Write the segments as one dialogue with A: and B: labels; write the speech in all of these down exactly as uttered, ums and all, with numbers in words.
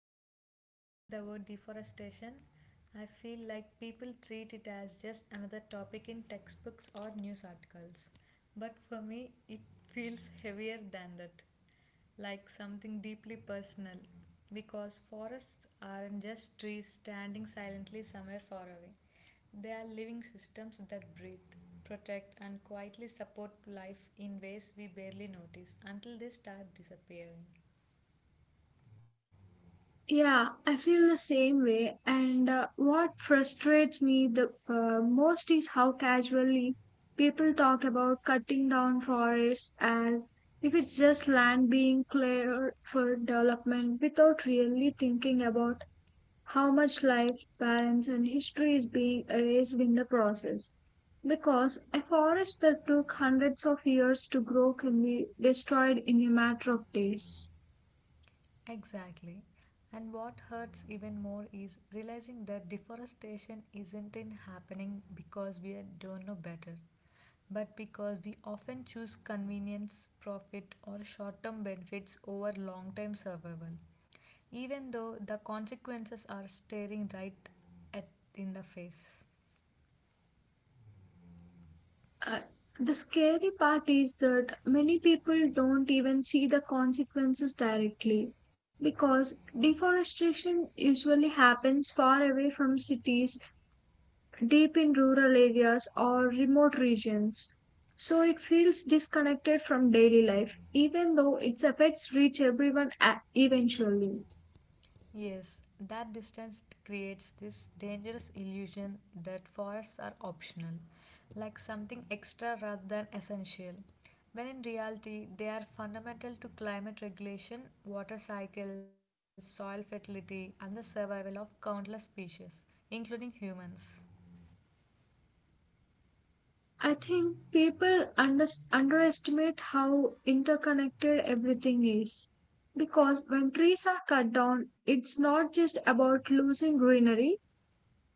A: every time I hear the word deforestation, I feel like people treat it as just another topic in textbooks or news articles. But for me, it feels heavier than that, like something deeply personal, because forests aren't just trees standing silently somewhere far away. They are living systems that breathe, protect, and quietly support life in ways we barely notice until they start disappearing.
B: Yeah, I feel the same way. And uh, what frustrates me the uh, most is how casually people talk about cutting down forests as if it's just land being cleared for development without really thinking about how much life, balance, and history is being erased in the process. Because a forest that took hundreds of years to grow can be destroyed in a matter of days.
A: Exactly. And what hurts even more is realizing that deforestation isn't in happening because we don't know better, but because we often choose convenience, profit, or short term benefits over long term survival, even though the consequences are staring right at in the face.
B: Uh, the scary part is that many people don't even see the consequences directly because deforestation usually happens far away from cities, deep in rural areas, or remote regions. So it feels disconnected from daily life, even though its effects reach everyone a- eventually.
A: Yes, that distance creates this dangerous illusion that forests are optional, like something extra rather than essential, when in reality they are fundamental to climate regulation, water cycles, soil fertility, and the survival of countless species, including humans.
B: I think people under, underestimate how interconnected everything is. Because when trees are cut down, it's not just about losing greenery,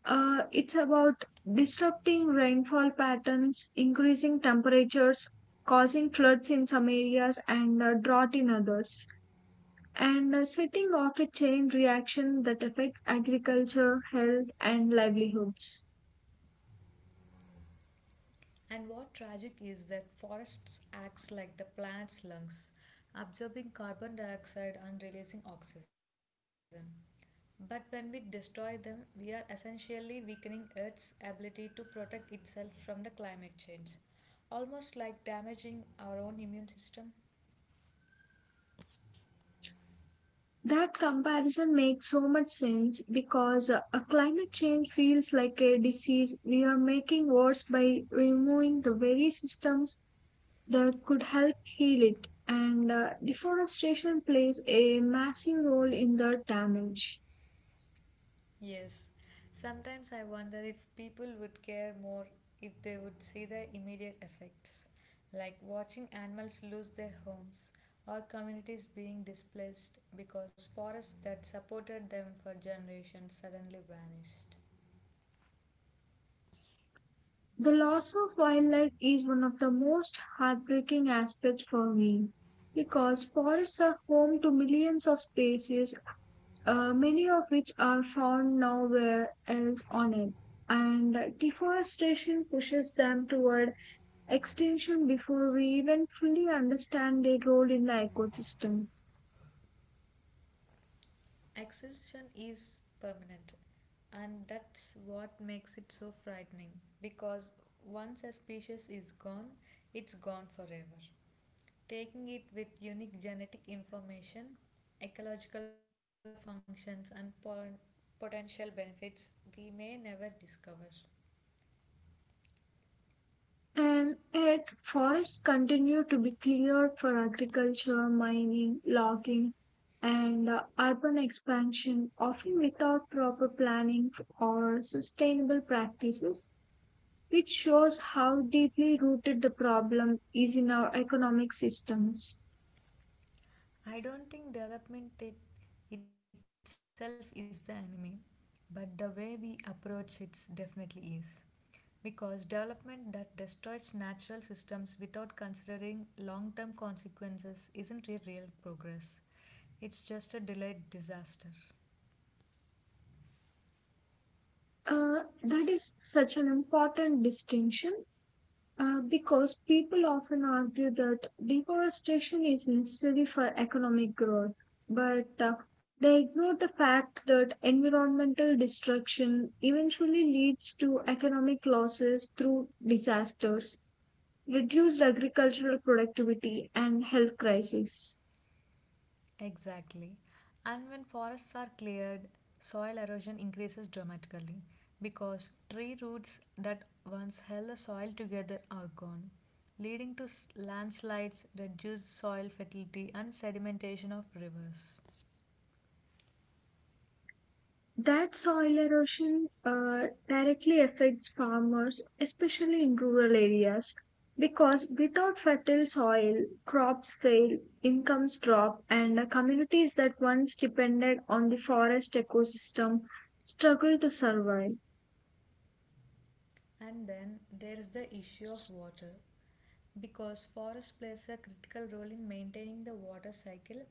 B: uh, it's about disrupting rainfall patterns, increasing temperatures, causing floods in some areas, and uh, drought in others. And uh, setting off a chain reaction that affects agriculture, health, and livelihoods.
A: And what tragic is that forests acts like the planet's lungs, absorbing carbon dioxide and releasing oxygen. But when we destroy them, we are essentially weakening Earth's ability to protect itself from the climate change, almost like damaging our own immune system.
B: That comparison makes so much sense because uh, a climate change feels like a disease we are making worse by removing the very systems that could help heal it. And uh, deforestation plays a massive role in the damage.
A: Yes, sometimes I wonder if people would care more if they would see the immediate effects, like watching animals lose their homes or communities being displaced because forests that supported them for generations suddenly vanished.
B: The loss of wildlife is one of the most heartbreaking aspects for me because forests are home to millions of species, uh, many of which are found nowhere else on it. And deforestation pushes them toward extinction before we even fully understand their role in the ecosystem.
A: Extinction is permanent, and that's what makes it so frightening because once a species is gone, it's gone forever. Taking it with unique genetic information, ecological functions, and pon- potential benefits we may never discover.
B: And yet, forests continue to be cleared for agriculture, mining, logging, and uh, urban expansion, often without proper planning or sustainable practices, which shows how deeply rooted the problem is in our economic systems.
A: I don't think development it itself is the enemy, but the way we approach it definitely is. Because development that destroys natural systems without considering long term consequences isn't a real progress, it's just a delayed disaster.
B: Uh, that is such an important distinction uh, because people often argue that deforestation is necessary for economic growth, but uh, they ignore the fact that environmental destruction eventually leads to economic losses through disasters, reduced agricultural productivity, and health crises.
A: Exactly. And when forests are cleared, soil erosion increases dramatically because tree roots that once held the soil together are gone, leading to s- landslides, reduced soil fertility, and sedimentation of rivers.
B: That soil erosion uh, directly affects farmers, especially in rural areas, because without fertile soil, crops fail, incomes drop, and uh, communities that once depended on the forest ecosystem struggle to survive.
A: And then there is the issue of water because forest plays a critical role in maintaining the water cycle,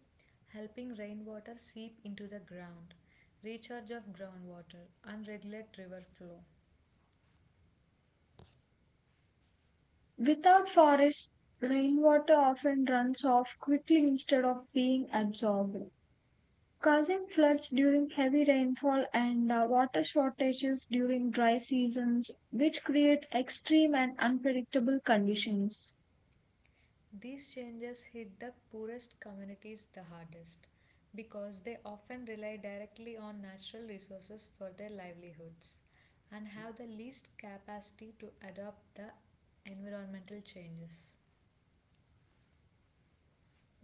A: helping rainwater seep into the ground, recharge of groundwater, and regulate river flow.
B: Without forests, rainwater often runs off quickly instead of being absorbed, causing floods during heavy rainfall and uh, water shortages during dry seasons, which creates extreme and unpredictable conditions.
A: These changes hit the poorest communities the hardest because they often rely directly on natural resources for their livelihoods and have the least capacity to adopt the environmental changes.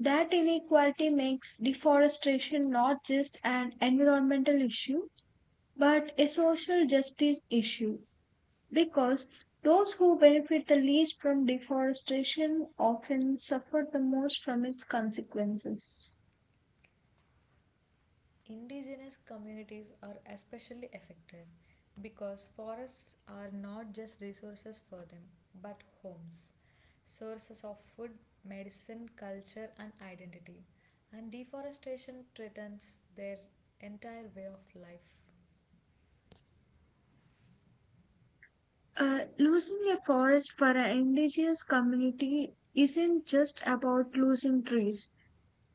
B: That inequality makes deforestation not just an environmental issue, but a social justice issue because those who benefit the least from deforestation often suffer the most from its consequences.
A: Indigenous communities are especially affected because forests are not just resources for them but homes, sources of food, medicine, culture, and identity. And deforestation threatens their entire way of life.
B: Uh, losing a forest for an indigenous community isn't just about losing trees.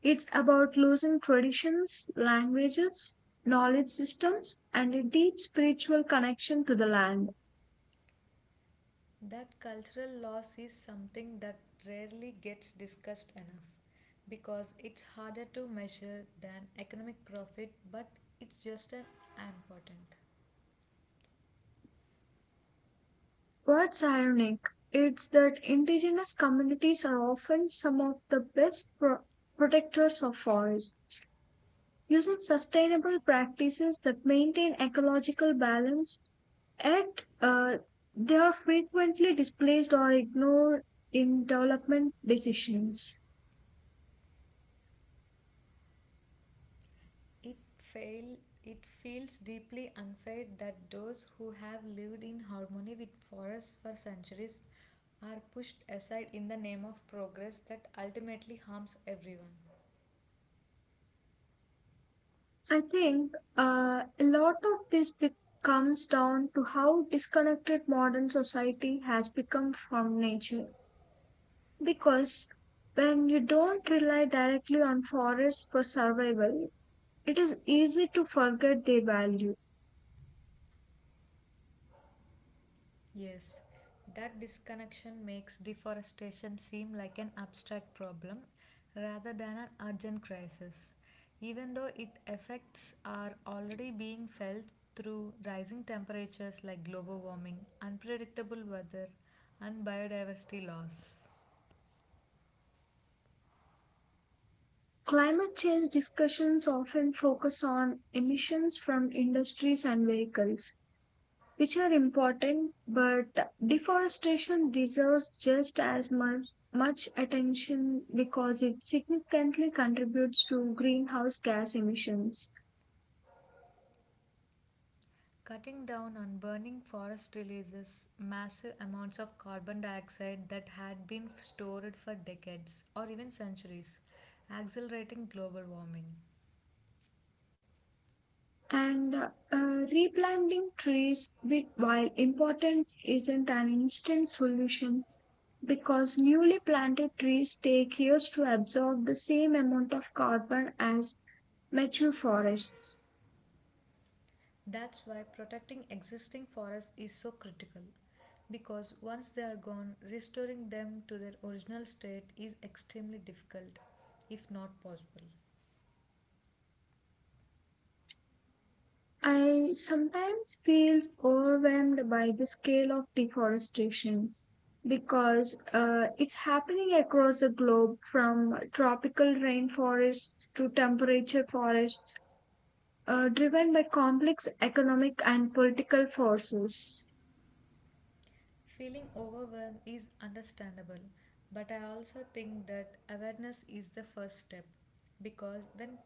B: It's about losing traditions, languages, knowledge systems, and a deep spiritual connection to the land.
A: That cultural loss is something that rarely gets discussed enough because it's harder to measure than economic profit, but it's just as important.
B: What's ironic is that indigenous communities are often some of the best pro- protectors of forests, using sustainable practices that maintain ecological balance, yet uh, they are frequently displaced or ignored in development decisions.
A: It, fail, it feels deeply unfair that those who have lived in harmony with forests for centuries are pushed aside in the name of progress that ultimately harms everyone.
B: I think uh, a lot of this be- comes down to how disconnected modern society has become from nature. Because when you don't rely directly on forests for survival, it is easy to forget their value.
A: Yes, that disconnection makes deforestation seem like an abstract problem rather than an urgent crisis, even though its effects are already being felt through rising temperatures like global warming, unpredictable weather, and biodiversity loss.
B: Climate change discussions often focus on emissions from industries and vehicles, which are important, but deforestation deserves just as much, much attention because it significantly contributes to greenhouse gas emissions.
A: Cutting down on burning forest releases massive amounts of carbon dioxide that had been stored for decades or even centuries, accelerating global warming.
B: And uh, replanting trees, which, while important, isn't an instant solution because newly planted trees take years to absorb the same amount of carbon as mature forests.
A: That's why protecting existing forests is so critical because once they are gone, restoring them to their original state is extremely difficult, if not possible.
B: I sometimes feel overwhelmed by the scale of deforestation because uh, it's happening across the globe from tropical rainforests to temperature forests, uh, driven by complex economic and political forces.
A: Feeling overwhelmed is understandable, but I also think that awareness is the first step because when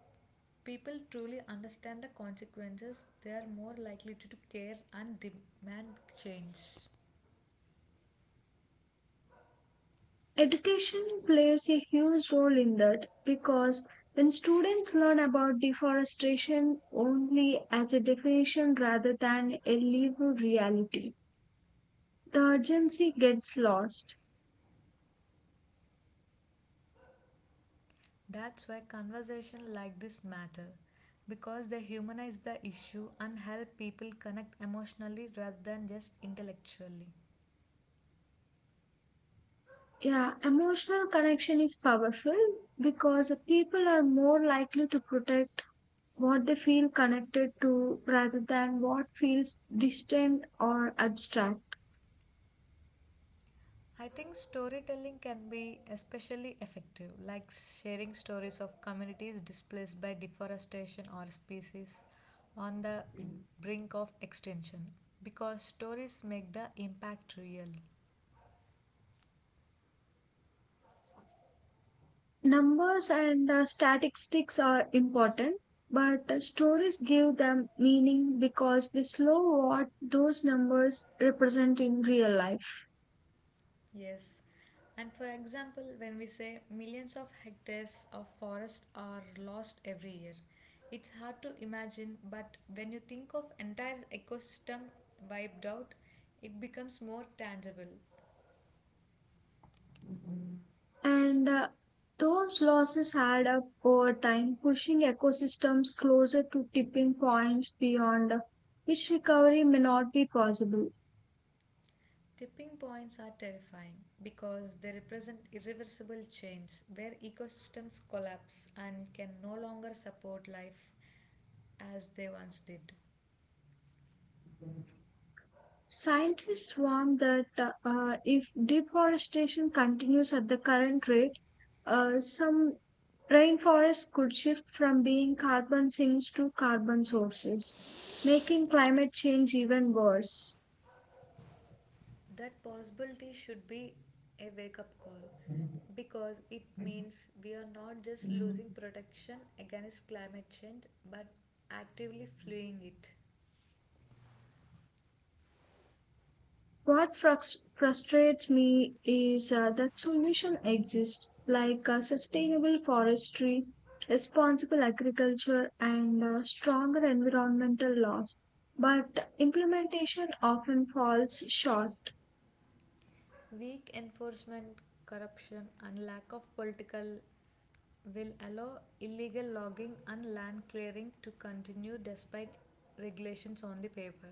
A: people truly understand the consequences, they are more likely to care and demand change.
B: Education plays a huge role in that because when students learn about deforestation only as a definition rather than a legal reality, the urgency gets lost.
A: That's why conversations like this matter because they humanize the issue and help people connect emotionally rather than just intellectually.
B: Yeah, emotional connection is powerful because people are more likely to protect what they feel connected to rather than what feels distant or abstract.
A: I think storytelling can be especially effective, like sharing stories of communities displaced by deforestation or species on the brink of extinction, because stories make the impact real.
B: Numbers and uh, statistics are important, but uh, stories give them meaning because they slow what those numbers represent in real life.
A: Yes. And for example, when we say millions of hectares of forest are lost every year, it's hard to imagine, but when you think of entire ecosystem wiped out, it becomes more tangible.
B: And uh, those losses add up over time, pushing ecosystems closer to tipping points beyond uh, which recovery may not be possible.
A: Tipping points are terrifying because they represent irreversible change where ecosystems collapse and can no longer support life as they once did.
B: Scientists warn that uh, uh, if deforestation continues at the current rate, uh, some rainforests could shift from being carbon sinks to carbon sources, making climate change even worse.
A: That possibility should be a wake up call because it means we are not just losing protection against climate change but actively fleeing it.
B: What frus- frustrates me is uh, that solution exists, like uh, sustainable forestry, responsible agriculture, and uh, stronger environmental laws. But implementation often falls short.
A: Weak enforcement, corruption, and lack of political will allow illegal logging and land clearing to continue despite regulations on the paper.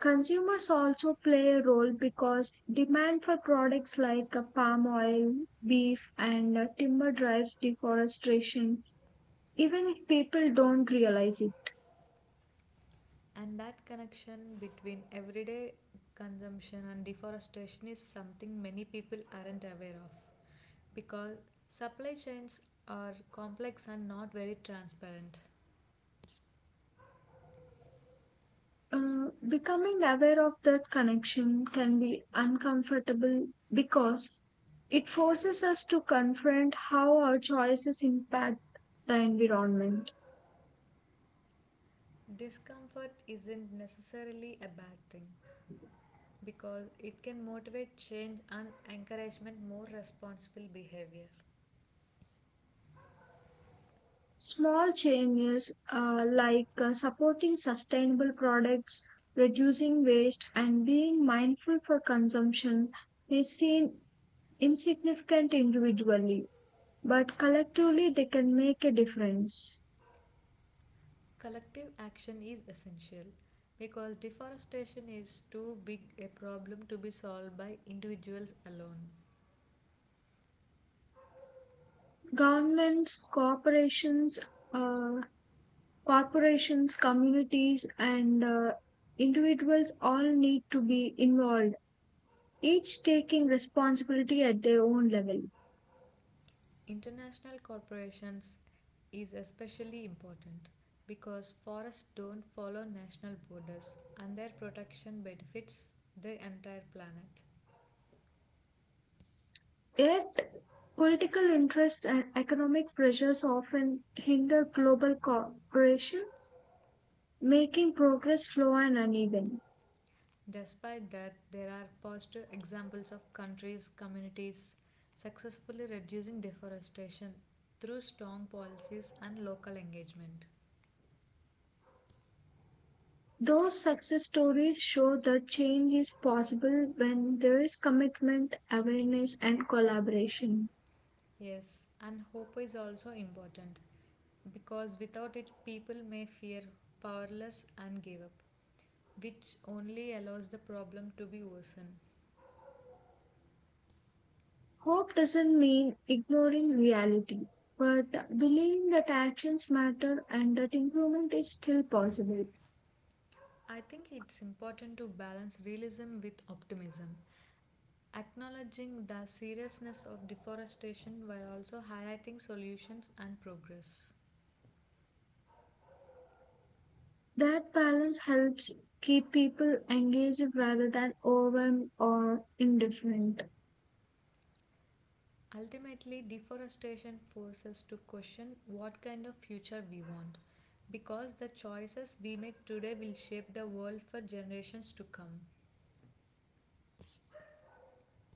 B: Consumers also play a role because demand for products like uh, palm oil, beef, and uh, timber drives deforestation, even if people don't realize it.
A: And that connection between everyday consumption and deforestation is something many people aren't aware of, because supply chains are complex and not very transparent.
B: Uh, becoming aware of that connection can be uncomfortable because it forces us to confront how our choices impact the environment.
A: Discomfort isn't necessarily a bad thing because it can motivate change and encouragement more responsible behavior.
B: Small changes uh, like uh, supporting sustainable products, reducing waste, and being mindful for consumption may seem insignificant individually, but collectively they can make a difference.
A: Collective action is essential because deforestation is too big a problem to be solved by individuals alone.
B: Governments, corporations, uh, corporations, communities, and uh, individuals all need to be involved, each taking responsibility at their own level.
A: International corporations is especially important because forests don't follow national borders and their protection benefits the entire planet.
B: Yet, political interests and economic pressures often hinder global cooperation, making progress slow and uneven.
A: Despite that, there are positive examples of countries, communities successfully reducing deforestation through strong policies and local engagement.
B: Those success stories show that change is possible when there is commitment, awareness, and collaboration.
A: Yes, and hope is also important because without it, people may feel powerless and give up, which only allows the problem to be worsened.
B: Hope doesn't mean ignoring reality, but believing that actions matter and that improvement is still possible.
A: I think it's important to balance realism with optimism, acknowledging the seriousness of deforestation while also highlighting solutions and progress.
B: That balance helps keep people engaged rather than overwhelmed or indifferent.
A: Ultimately, deforestation forces us to question what kind of future we want, because the choices we make today will shape the world for generations to come.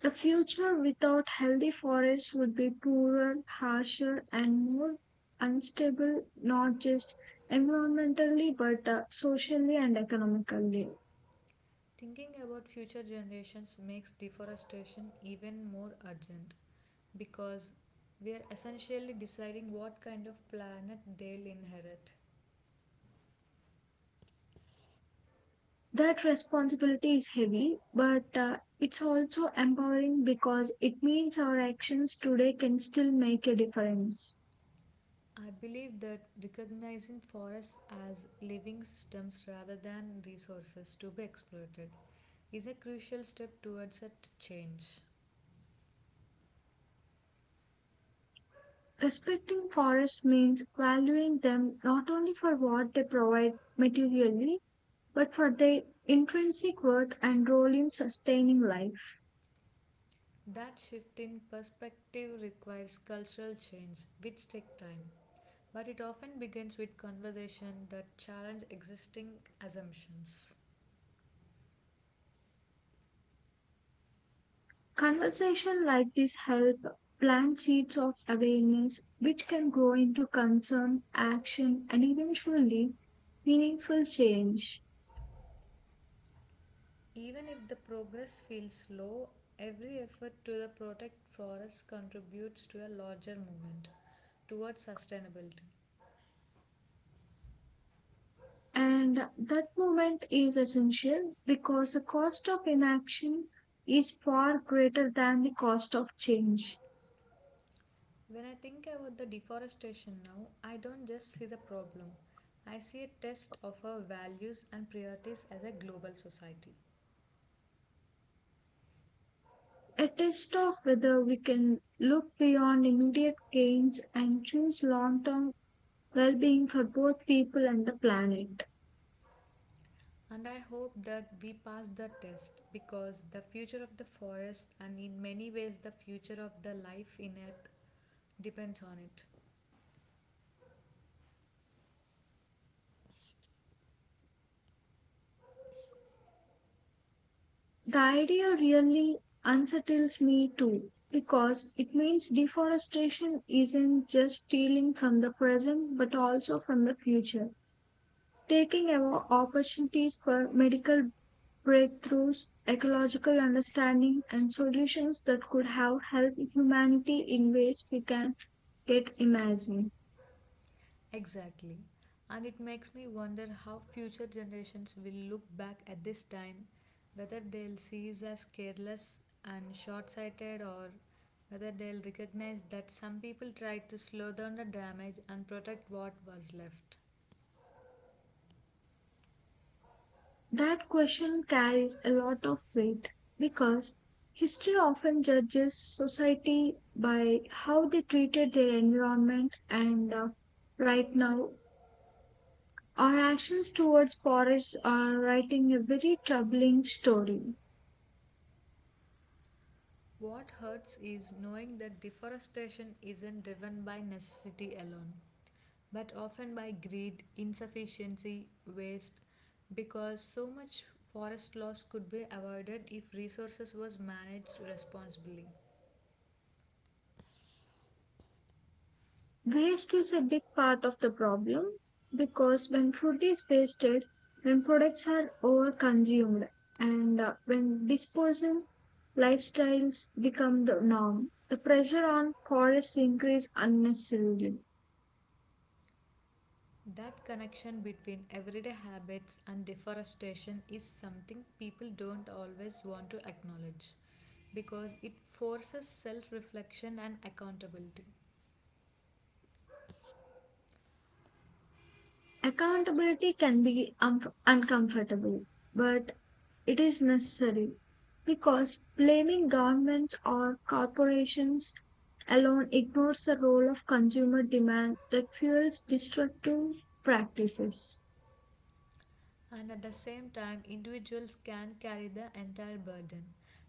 B: The future without healthy forests would be poorer, harsher, and more unstable, not just environmentally but uh, socially and economically.
A: Thinking about future generations makes deforestation even more urgent, because we are essentially deciding what kind of planet they'll inherit.
B: That responsibility is heavy, but uh, it's also empowering because it means our actions today can still make a difference.
A: I believe that recognizing forests as living systems rather than resources to be exploited is a crucial step towards such change.
B: Respecting forests means valuing them not only for what they provide materially, but for their intrinsic worth and role in sustaining life.
A: That shift in perspective requires cultural change, which takes time, but it often begins with conversation that challenge existing assumptions.
B: Conversations like this help plant seeds of awareness which can grow into concern, action, and eventually meaningful change.
A: Even if the progress feels slow, every effort to the protect forests contributes to a larger movement towards sustainability.
B: And that movement is essential because the cost of inaction is far greater than the cost of change.
A: When I think about the deforestation now, I don't just see the problem. I see a test of our values and priorities as a global society.
B: A test of whether we can look beyond immediate gains and choose long term well being for both people and the planet.
A: And I hope that we pass the test because the future of the forest and in many ways the future of the life in earth depends on it.
B: The idea really unsettles me too because it means deforestation isn't just stealing from the present but also from the future, taking away opportunities for medical breakthroughs, ecological understanding, and solutions that could have helped humanity in ways we can yet imagine.
A: Exactly. And it makes me wonder how future generations will look back at this time, whether they'll see us as careless and short sighted, or whether they'll recognize that some people tried to slow down the damage and protect what was left.
B: That question carries a lot of weight because history often judges society by how they treated their environment, and uh, right now, our actions towards forests are writing a very troubling story.
A: What hurts is knowing that deforestation isn't driven by necessity alone, but often by greed, insufficiency, waste, because so much forest loss could be avoided if resources was managed responsibly.
B: Waste is a big part of the problem because when food is wasted, when products are overconsumed, and uh, when disposal lifestyles become the norm, the pressure on forests increase unnecessarily.
A: That connection between everyday habits and deforestation is something people don't always want to acknowledge because it forces self reflection and accountability.
B: Accountability can be um, uncomfortable, but it is necessary because blaming governments or corporations alone ignores the role of consumer demand that fuels destructive practices.
A: And at the same time, individuals can carry the entire burden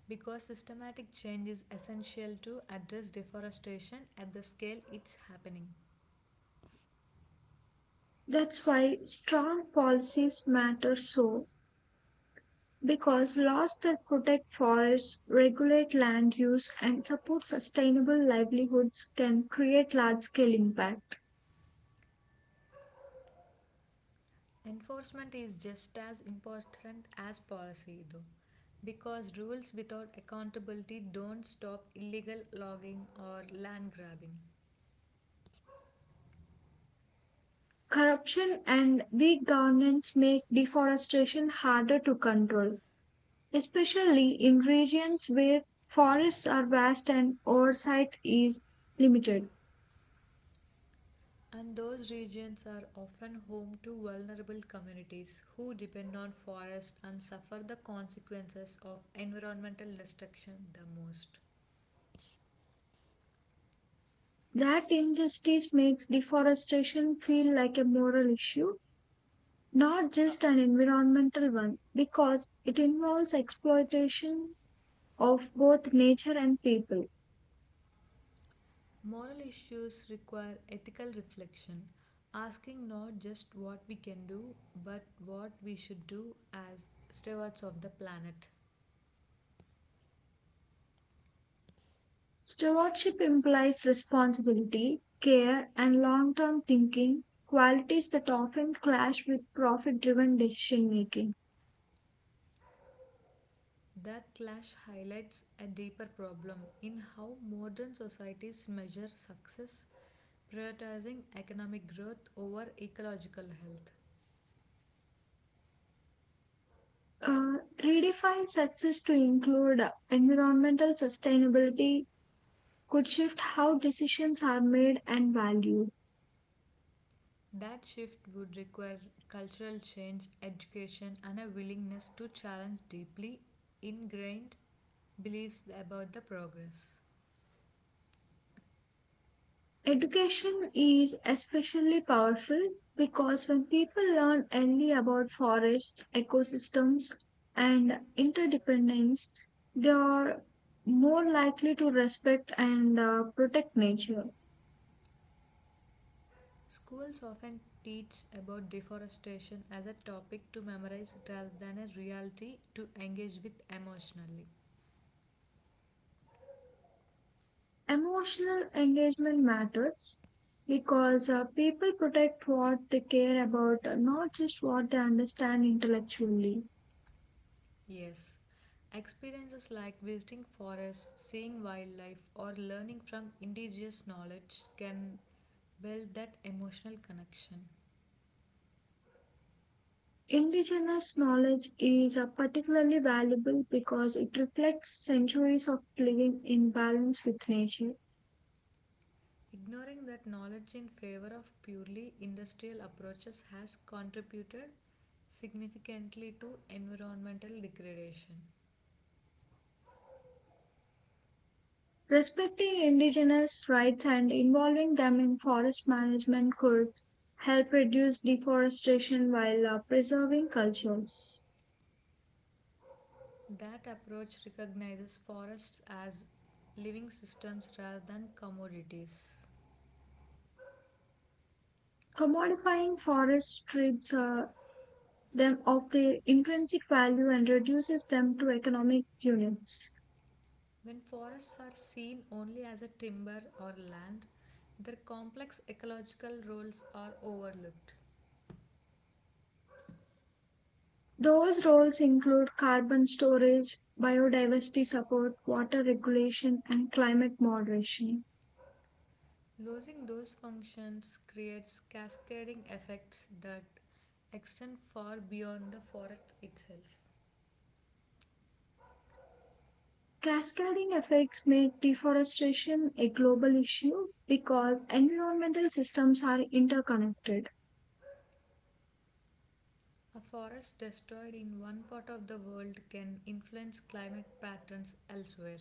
A: because systematic change is essential to address deforestation at the scale it's happening.
B: That's why strong policies matter so because laws that protect forests, regulate land use, and support sustainable livelihoods can create large scale impact.
A: Enforcement is just as important as policy, though, because rules without accountability don't stop illegal logging or land grabbing.
B: Corruption and weak governance make deforestation harder to control, especially in regions where forests are vast and oversight is limited.
A: And those regions are often home to vulnerable communities who depend on forests and suffer the consequences of environmental destruction the most.
B: That injustice makes deforestation feel like a moral issue, not just an environmental one, because it involves exploitation of both nature and people.
A: Moral issues require ethical reflection, asking not just what we can do, but what we should do as stewards of the planet.
B: Stewardship implies responsibility, care, and long term thinking, qualities that often clash with profit driven decision making.
A: That clash highlights a deeper problem in how modern societies measure success, prioritizing economic growth over ecological health.
B: Uh, redefine success to include uh, environmental sustainability could shift how decisions are made and valued.
A: That shift would require cultural change, education, and a willingness to challenge deeply ingrained beliefs about the progress.
B: Education is especially powerful because when people learn early about forests, ecosystems, and interdependence, they are more likely to respect and uh, protect nature.
A: Schools often teach about deforestation as a topic to memorize rather than a reality to engage with emotionally.
B: Emotional engagement matters because uh, people protect what they care about, uh, not just what they understand intellectually.
A: Yes, experiences like visiting forests, seeing wildlife, or learning from indigenous knowledge can build that emotional connection.
B: Indigenous knowledge is uh, particularly valuable because it reflects centuries of living in balance with nature.
A: Ignoring that knowledge in favor of purely industrial approaches has contributed significantly to environmental degradation.
B: Respecting indigenous rights and involving them in forest management could help reduce deforestation while uh, preserving cultures.
A: That approach recognizes forests as living systems rather than commodities.
B: Commodifying forest strips uh, them of their intrinsic value and reduces them to economic units.
A: When forests are seen only as a timber or land, their complex ecological roles are overlooked.
B: Those roles include carbon storage, biodiversity support, water regulation, and climate moderation.
A: Losing those functions creates cascading effects that extend far beyond the forest itself.
B: Cascading effects make deforestation a global issue because environmental systems are interconnected.
A: A forest destroyed in one part of the world can influence climate patterns elsewhere.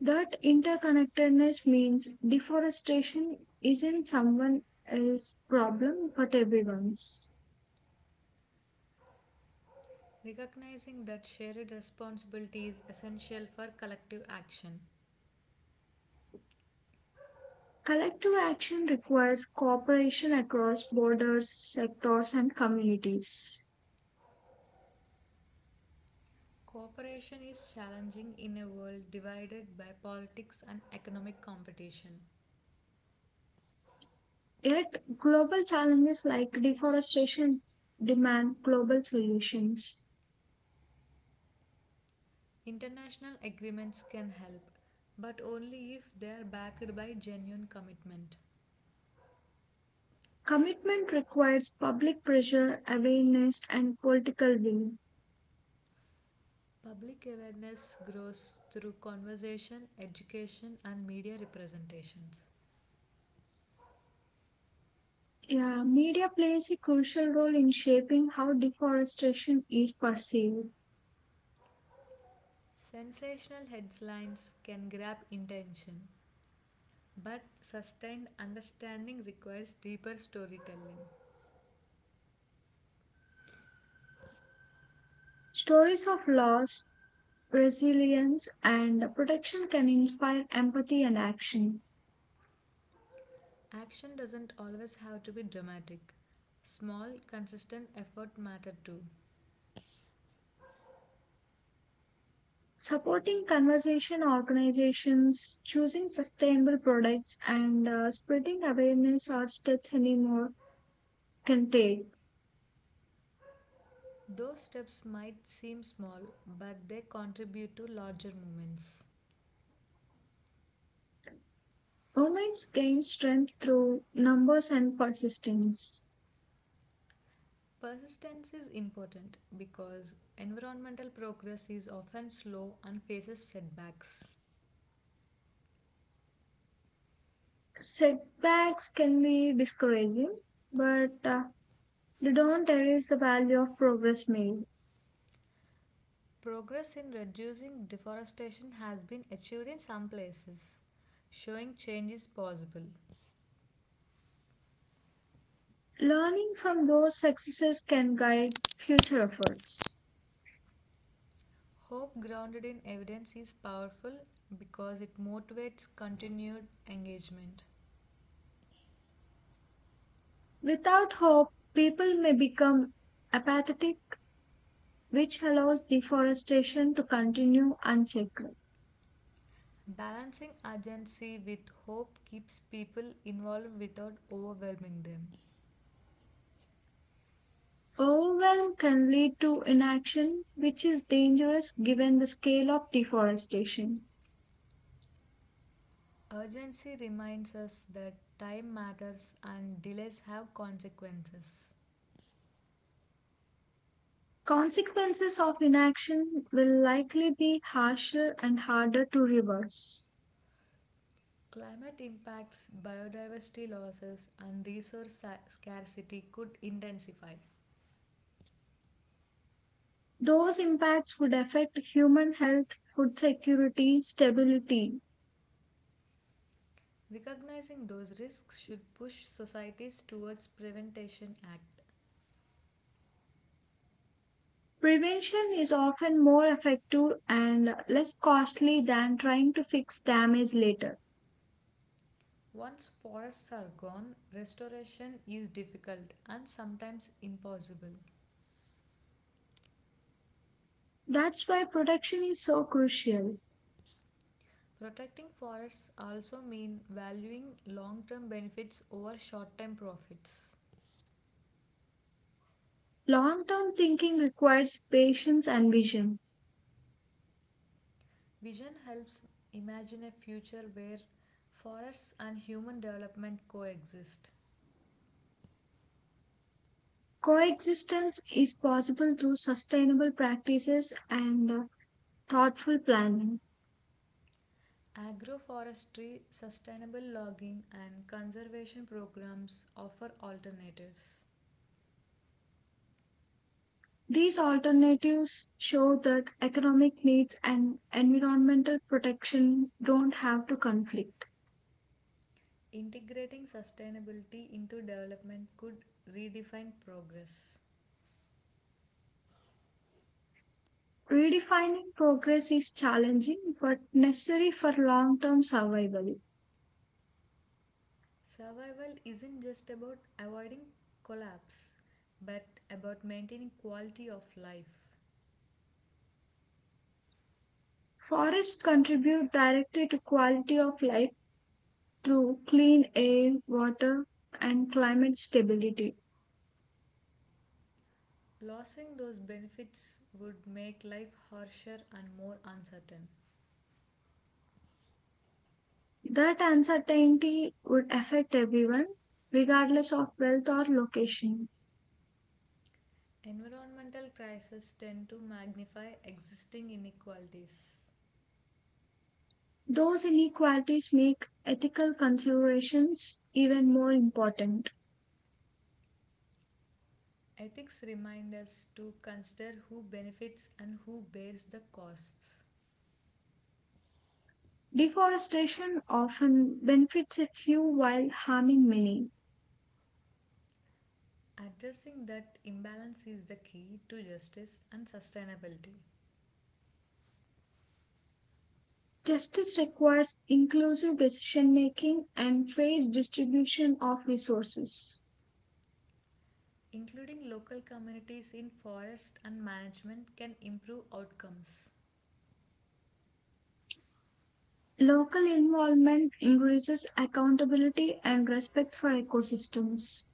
B: That interconnectedness means deforestation isn't someone else's problem but everyone's.
A: Recognizing that shared responsibility is essential for collective action.
B: Collective action requires cooperation across borders, sectors, and communities.
A: Cooperation is challenging in a world divided by politics and economic competition.
B: Yet, global challenges like deforestation demand global solutions.
A: International agreements can help, but only if they are backed by genuine commitment.
B: Commitment requires public pressure, awareness, and political will.
A: Public awareness grows through conversation, education, and media representations.
B: Yeah, media plays a crucial role in shaping how deforestation is perceived.
A: Sensational headlines can grab attention, but sustained understanding requires deeper storytelling.
B: Stories of loss, resilience, and protection can inspire empathy and action.
A: Action doesn't always have to be dramatic. Small, consistent effort matter too.
B: Supporting conservation organizations, choosing sustainable products, and uh, spreading awareness are steps anymore can take.
A: Those steps might seem small, but they contribute to larger movements.
B: Women's gain strength through numbers and persistence.
A: Persistence is important because environmental progress is often slow and faces setbacks.
B: Setbacks can be discouraging, but uh, they don't erase the value of progress made.
A: Progress in reducing deforestation has been achieved in some places, showing change is possible.
B: Learning from those successes can guide future efforts.
A: Hope grounded in evidence is powerful because it motivates continued engagement.
B: Without hope, people may become apathetic, which allows deforestation to continue unchecked.
A: Balancing urgency with hope keeps people involved without overwhelming them.
B: Overwhelm can lead to inaction, which is dangerous given the scale of deforestation.
A: Urgency reminds us that time matters and delays have consequences.
B: Consequences of inaction will likely be harsher and harder to reverse.
A: Climate impacts, biodiversity losses, and resource sa- scarcity could intensify.
B: Those impacts would affect human health, food security, stability.
A: Recognizing those risks should push societies towards Prevention Act.
B: Prevention is often more effective and less costly than trying to fix damage later.
A: Once forests are gone, restoration is difficult and sometimes impossible.
B: That's why protection is so crucial.
A: Protecting forests also means valuing long-term benefits over short-term profits.
B: Long term thinking requires patience and vision.
A: Vision helps imagine a future where forests and human development coexist.
B: Coexistence is possible through sustainable practices and uh, thoughtful planning.
A: Agroforestry, sustainable logging, and conservation programs offer alternatives.
B: These alternatives show that economic needs and environmental protection don't have to conflict.
A: Integrating sustainability into development could redefine progress.
B: Redefining progress is challenging but necessary for long term survival.
A: Survival isn't just about avoiding collapse, but about maintaining quality of life.
B: Forests contribute directly to quality of life through clean air, water, and climate stability.
A: Losing those benefits would make life harsher and more uncertain.
B: That uncertainty would affect everyone, regardless of wealth or location.
A: Environmental crises tend to magnify existing inequalities.
B: Those inequalities make ethical considerations even more important.
A: Ethics remind us to consider who benefits and who bears the costs.
B: Deforestation often benefits a few while harming many.
A: Addressing that imbalance is the key to justice and sustainability.
B: Justice requires inclusive decision making and fair distribution of resources.
A: Including local communities in forest and management can improve outcomes.
B: Local involvement increases accountability and respect for ecosystems.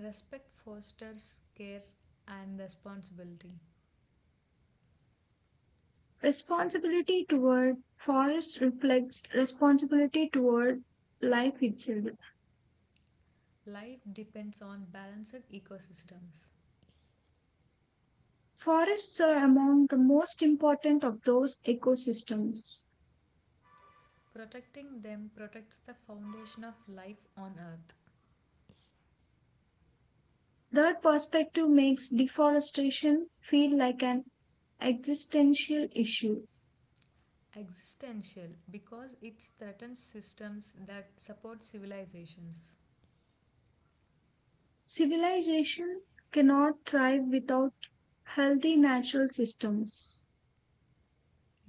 A: Respect fosters care and responsibility.
B: Responsibility toward forests reflects responsibility toward life itself.
A: Life depends on balanced ecosystems.
B: Forests are among the most important of those ecosystems.
A: Protecting them protects the foundation of life on earth.
B: That perspective makes deforestation feel like an existential issue.
A: Existential because it threatens systems that support civilizations.
B: Civilization cannot thrive without healthy natural systems.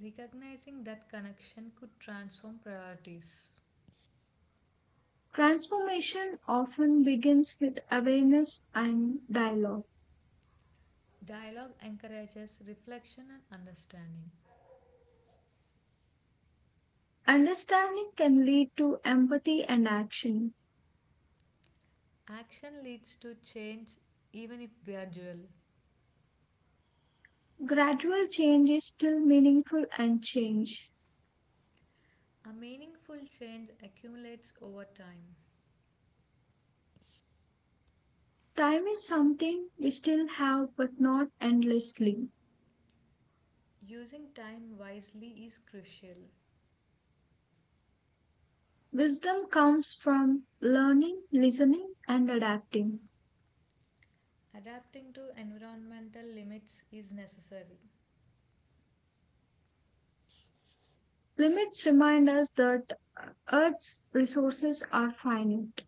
A: Recognizing that connection could transform priorities.
B: Transformation often begins with awareness and dialogue.
A: Dialogue encourages reflection and understanding.
B: Understanding can lead to empathy and action.
A: Action leads to change even if gradual.
B: Gradual change is still meaningful and change.
A: A meaningful change accumulates over time.
B: Time is something we still have, but not endlessly.
A: Using time wisely is crucial.
B: Wisdom comes from learning, listening, and adapting.
A: Adapting to environmental limits is necessary.
B: Limits remind us that Earth's resources are finite.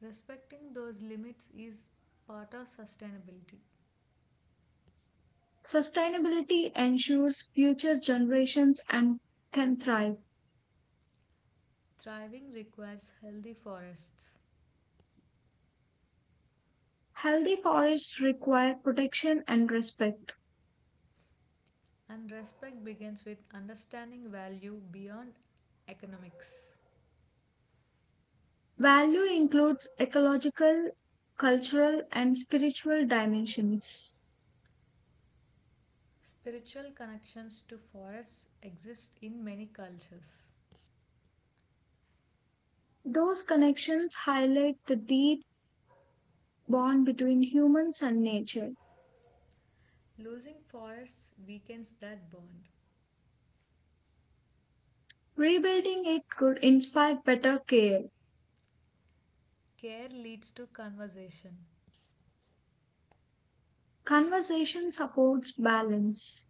A: Respecting those limits is part of sustainability.
B: Sustainability ensures future generations and can thrive.
A: Thriving requires healthy forests,
B: Healthy forests require protection and respect.
A: and respect begins with understanding value beyond economics.
B: Value includes ecological, cultural, and spiritual dimensions.
A: Spiritual connections to forests exist in many cultures.
B: Those connections highlight the deep bond between humans and nature.
A: Losing forests weakens that bond.
B: Rebuilding it could inspire better care.
A: Care leads to conversation.
B: Conversation supports balance.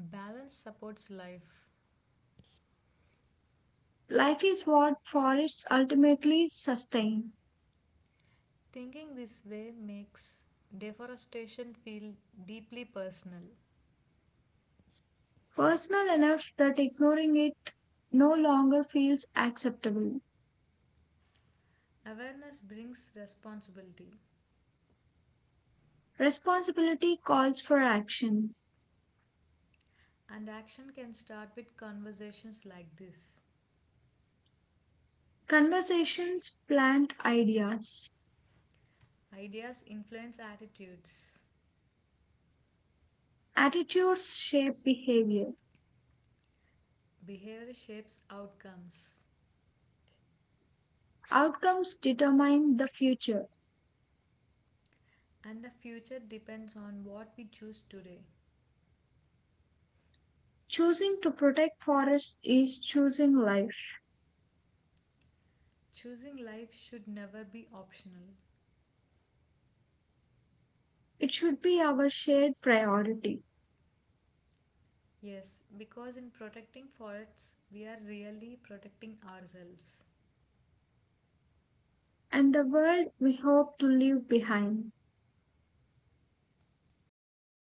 A: Balance supports life.
B: Life is what forests ultimately sustain.
A: Thinking this way makes deforestation feel deeply personal.
B: Personal enough that ignoring it no longer feels acceptable.
A: Awareness brings responsibility,
B: Responsibility calls for action.
A: and action can start with conversations like this.
B: Conversations plant ideas.
A: Ideas influence attitudes,
B: Attitudes shape behavior.
A: behavior shapes outcomes,
B: Outcomes determine the future.
A: and the future depends on what we choose today.
B: Choosing to protect forests is choosing life.
A: Choosing life should never be optional.
B: It should be our shared priority
A: Yes, because in protecting forests, we are really protecting ourselves.
B: and the world we hope to leave behind.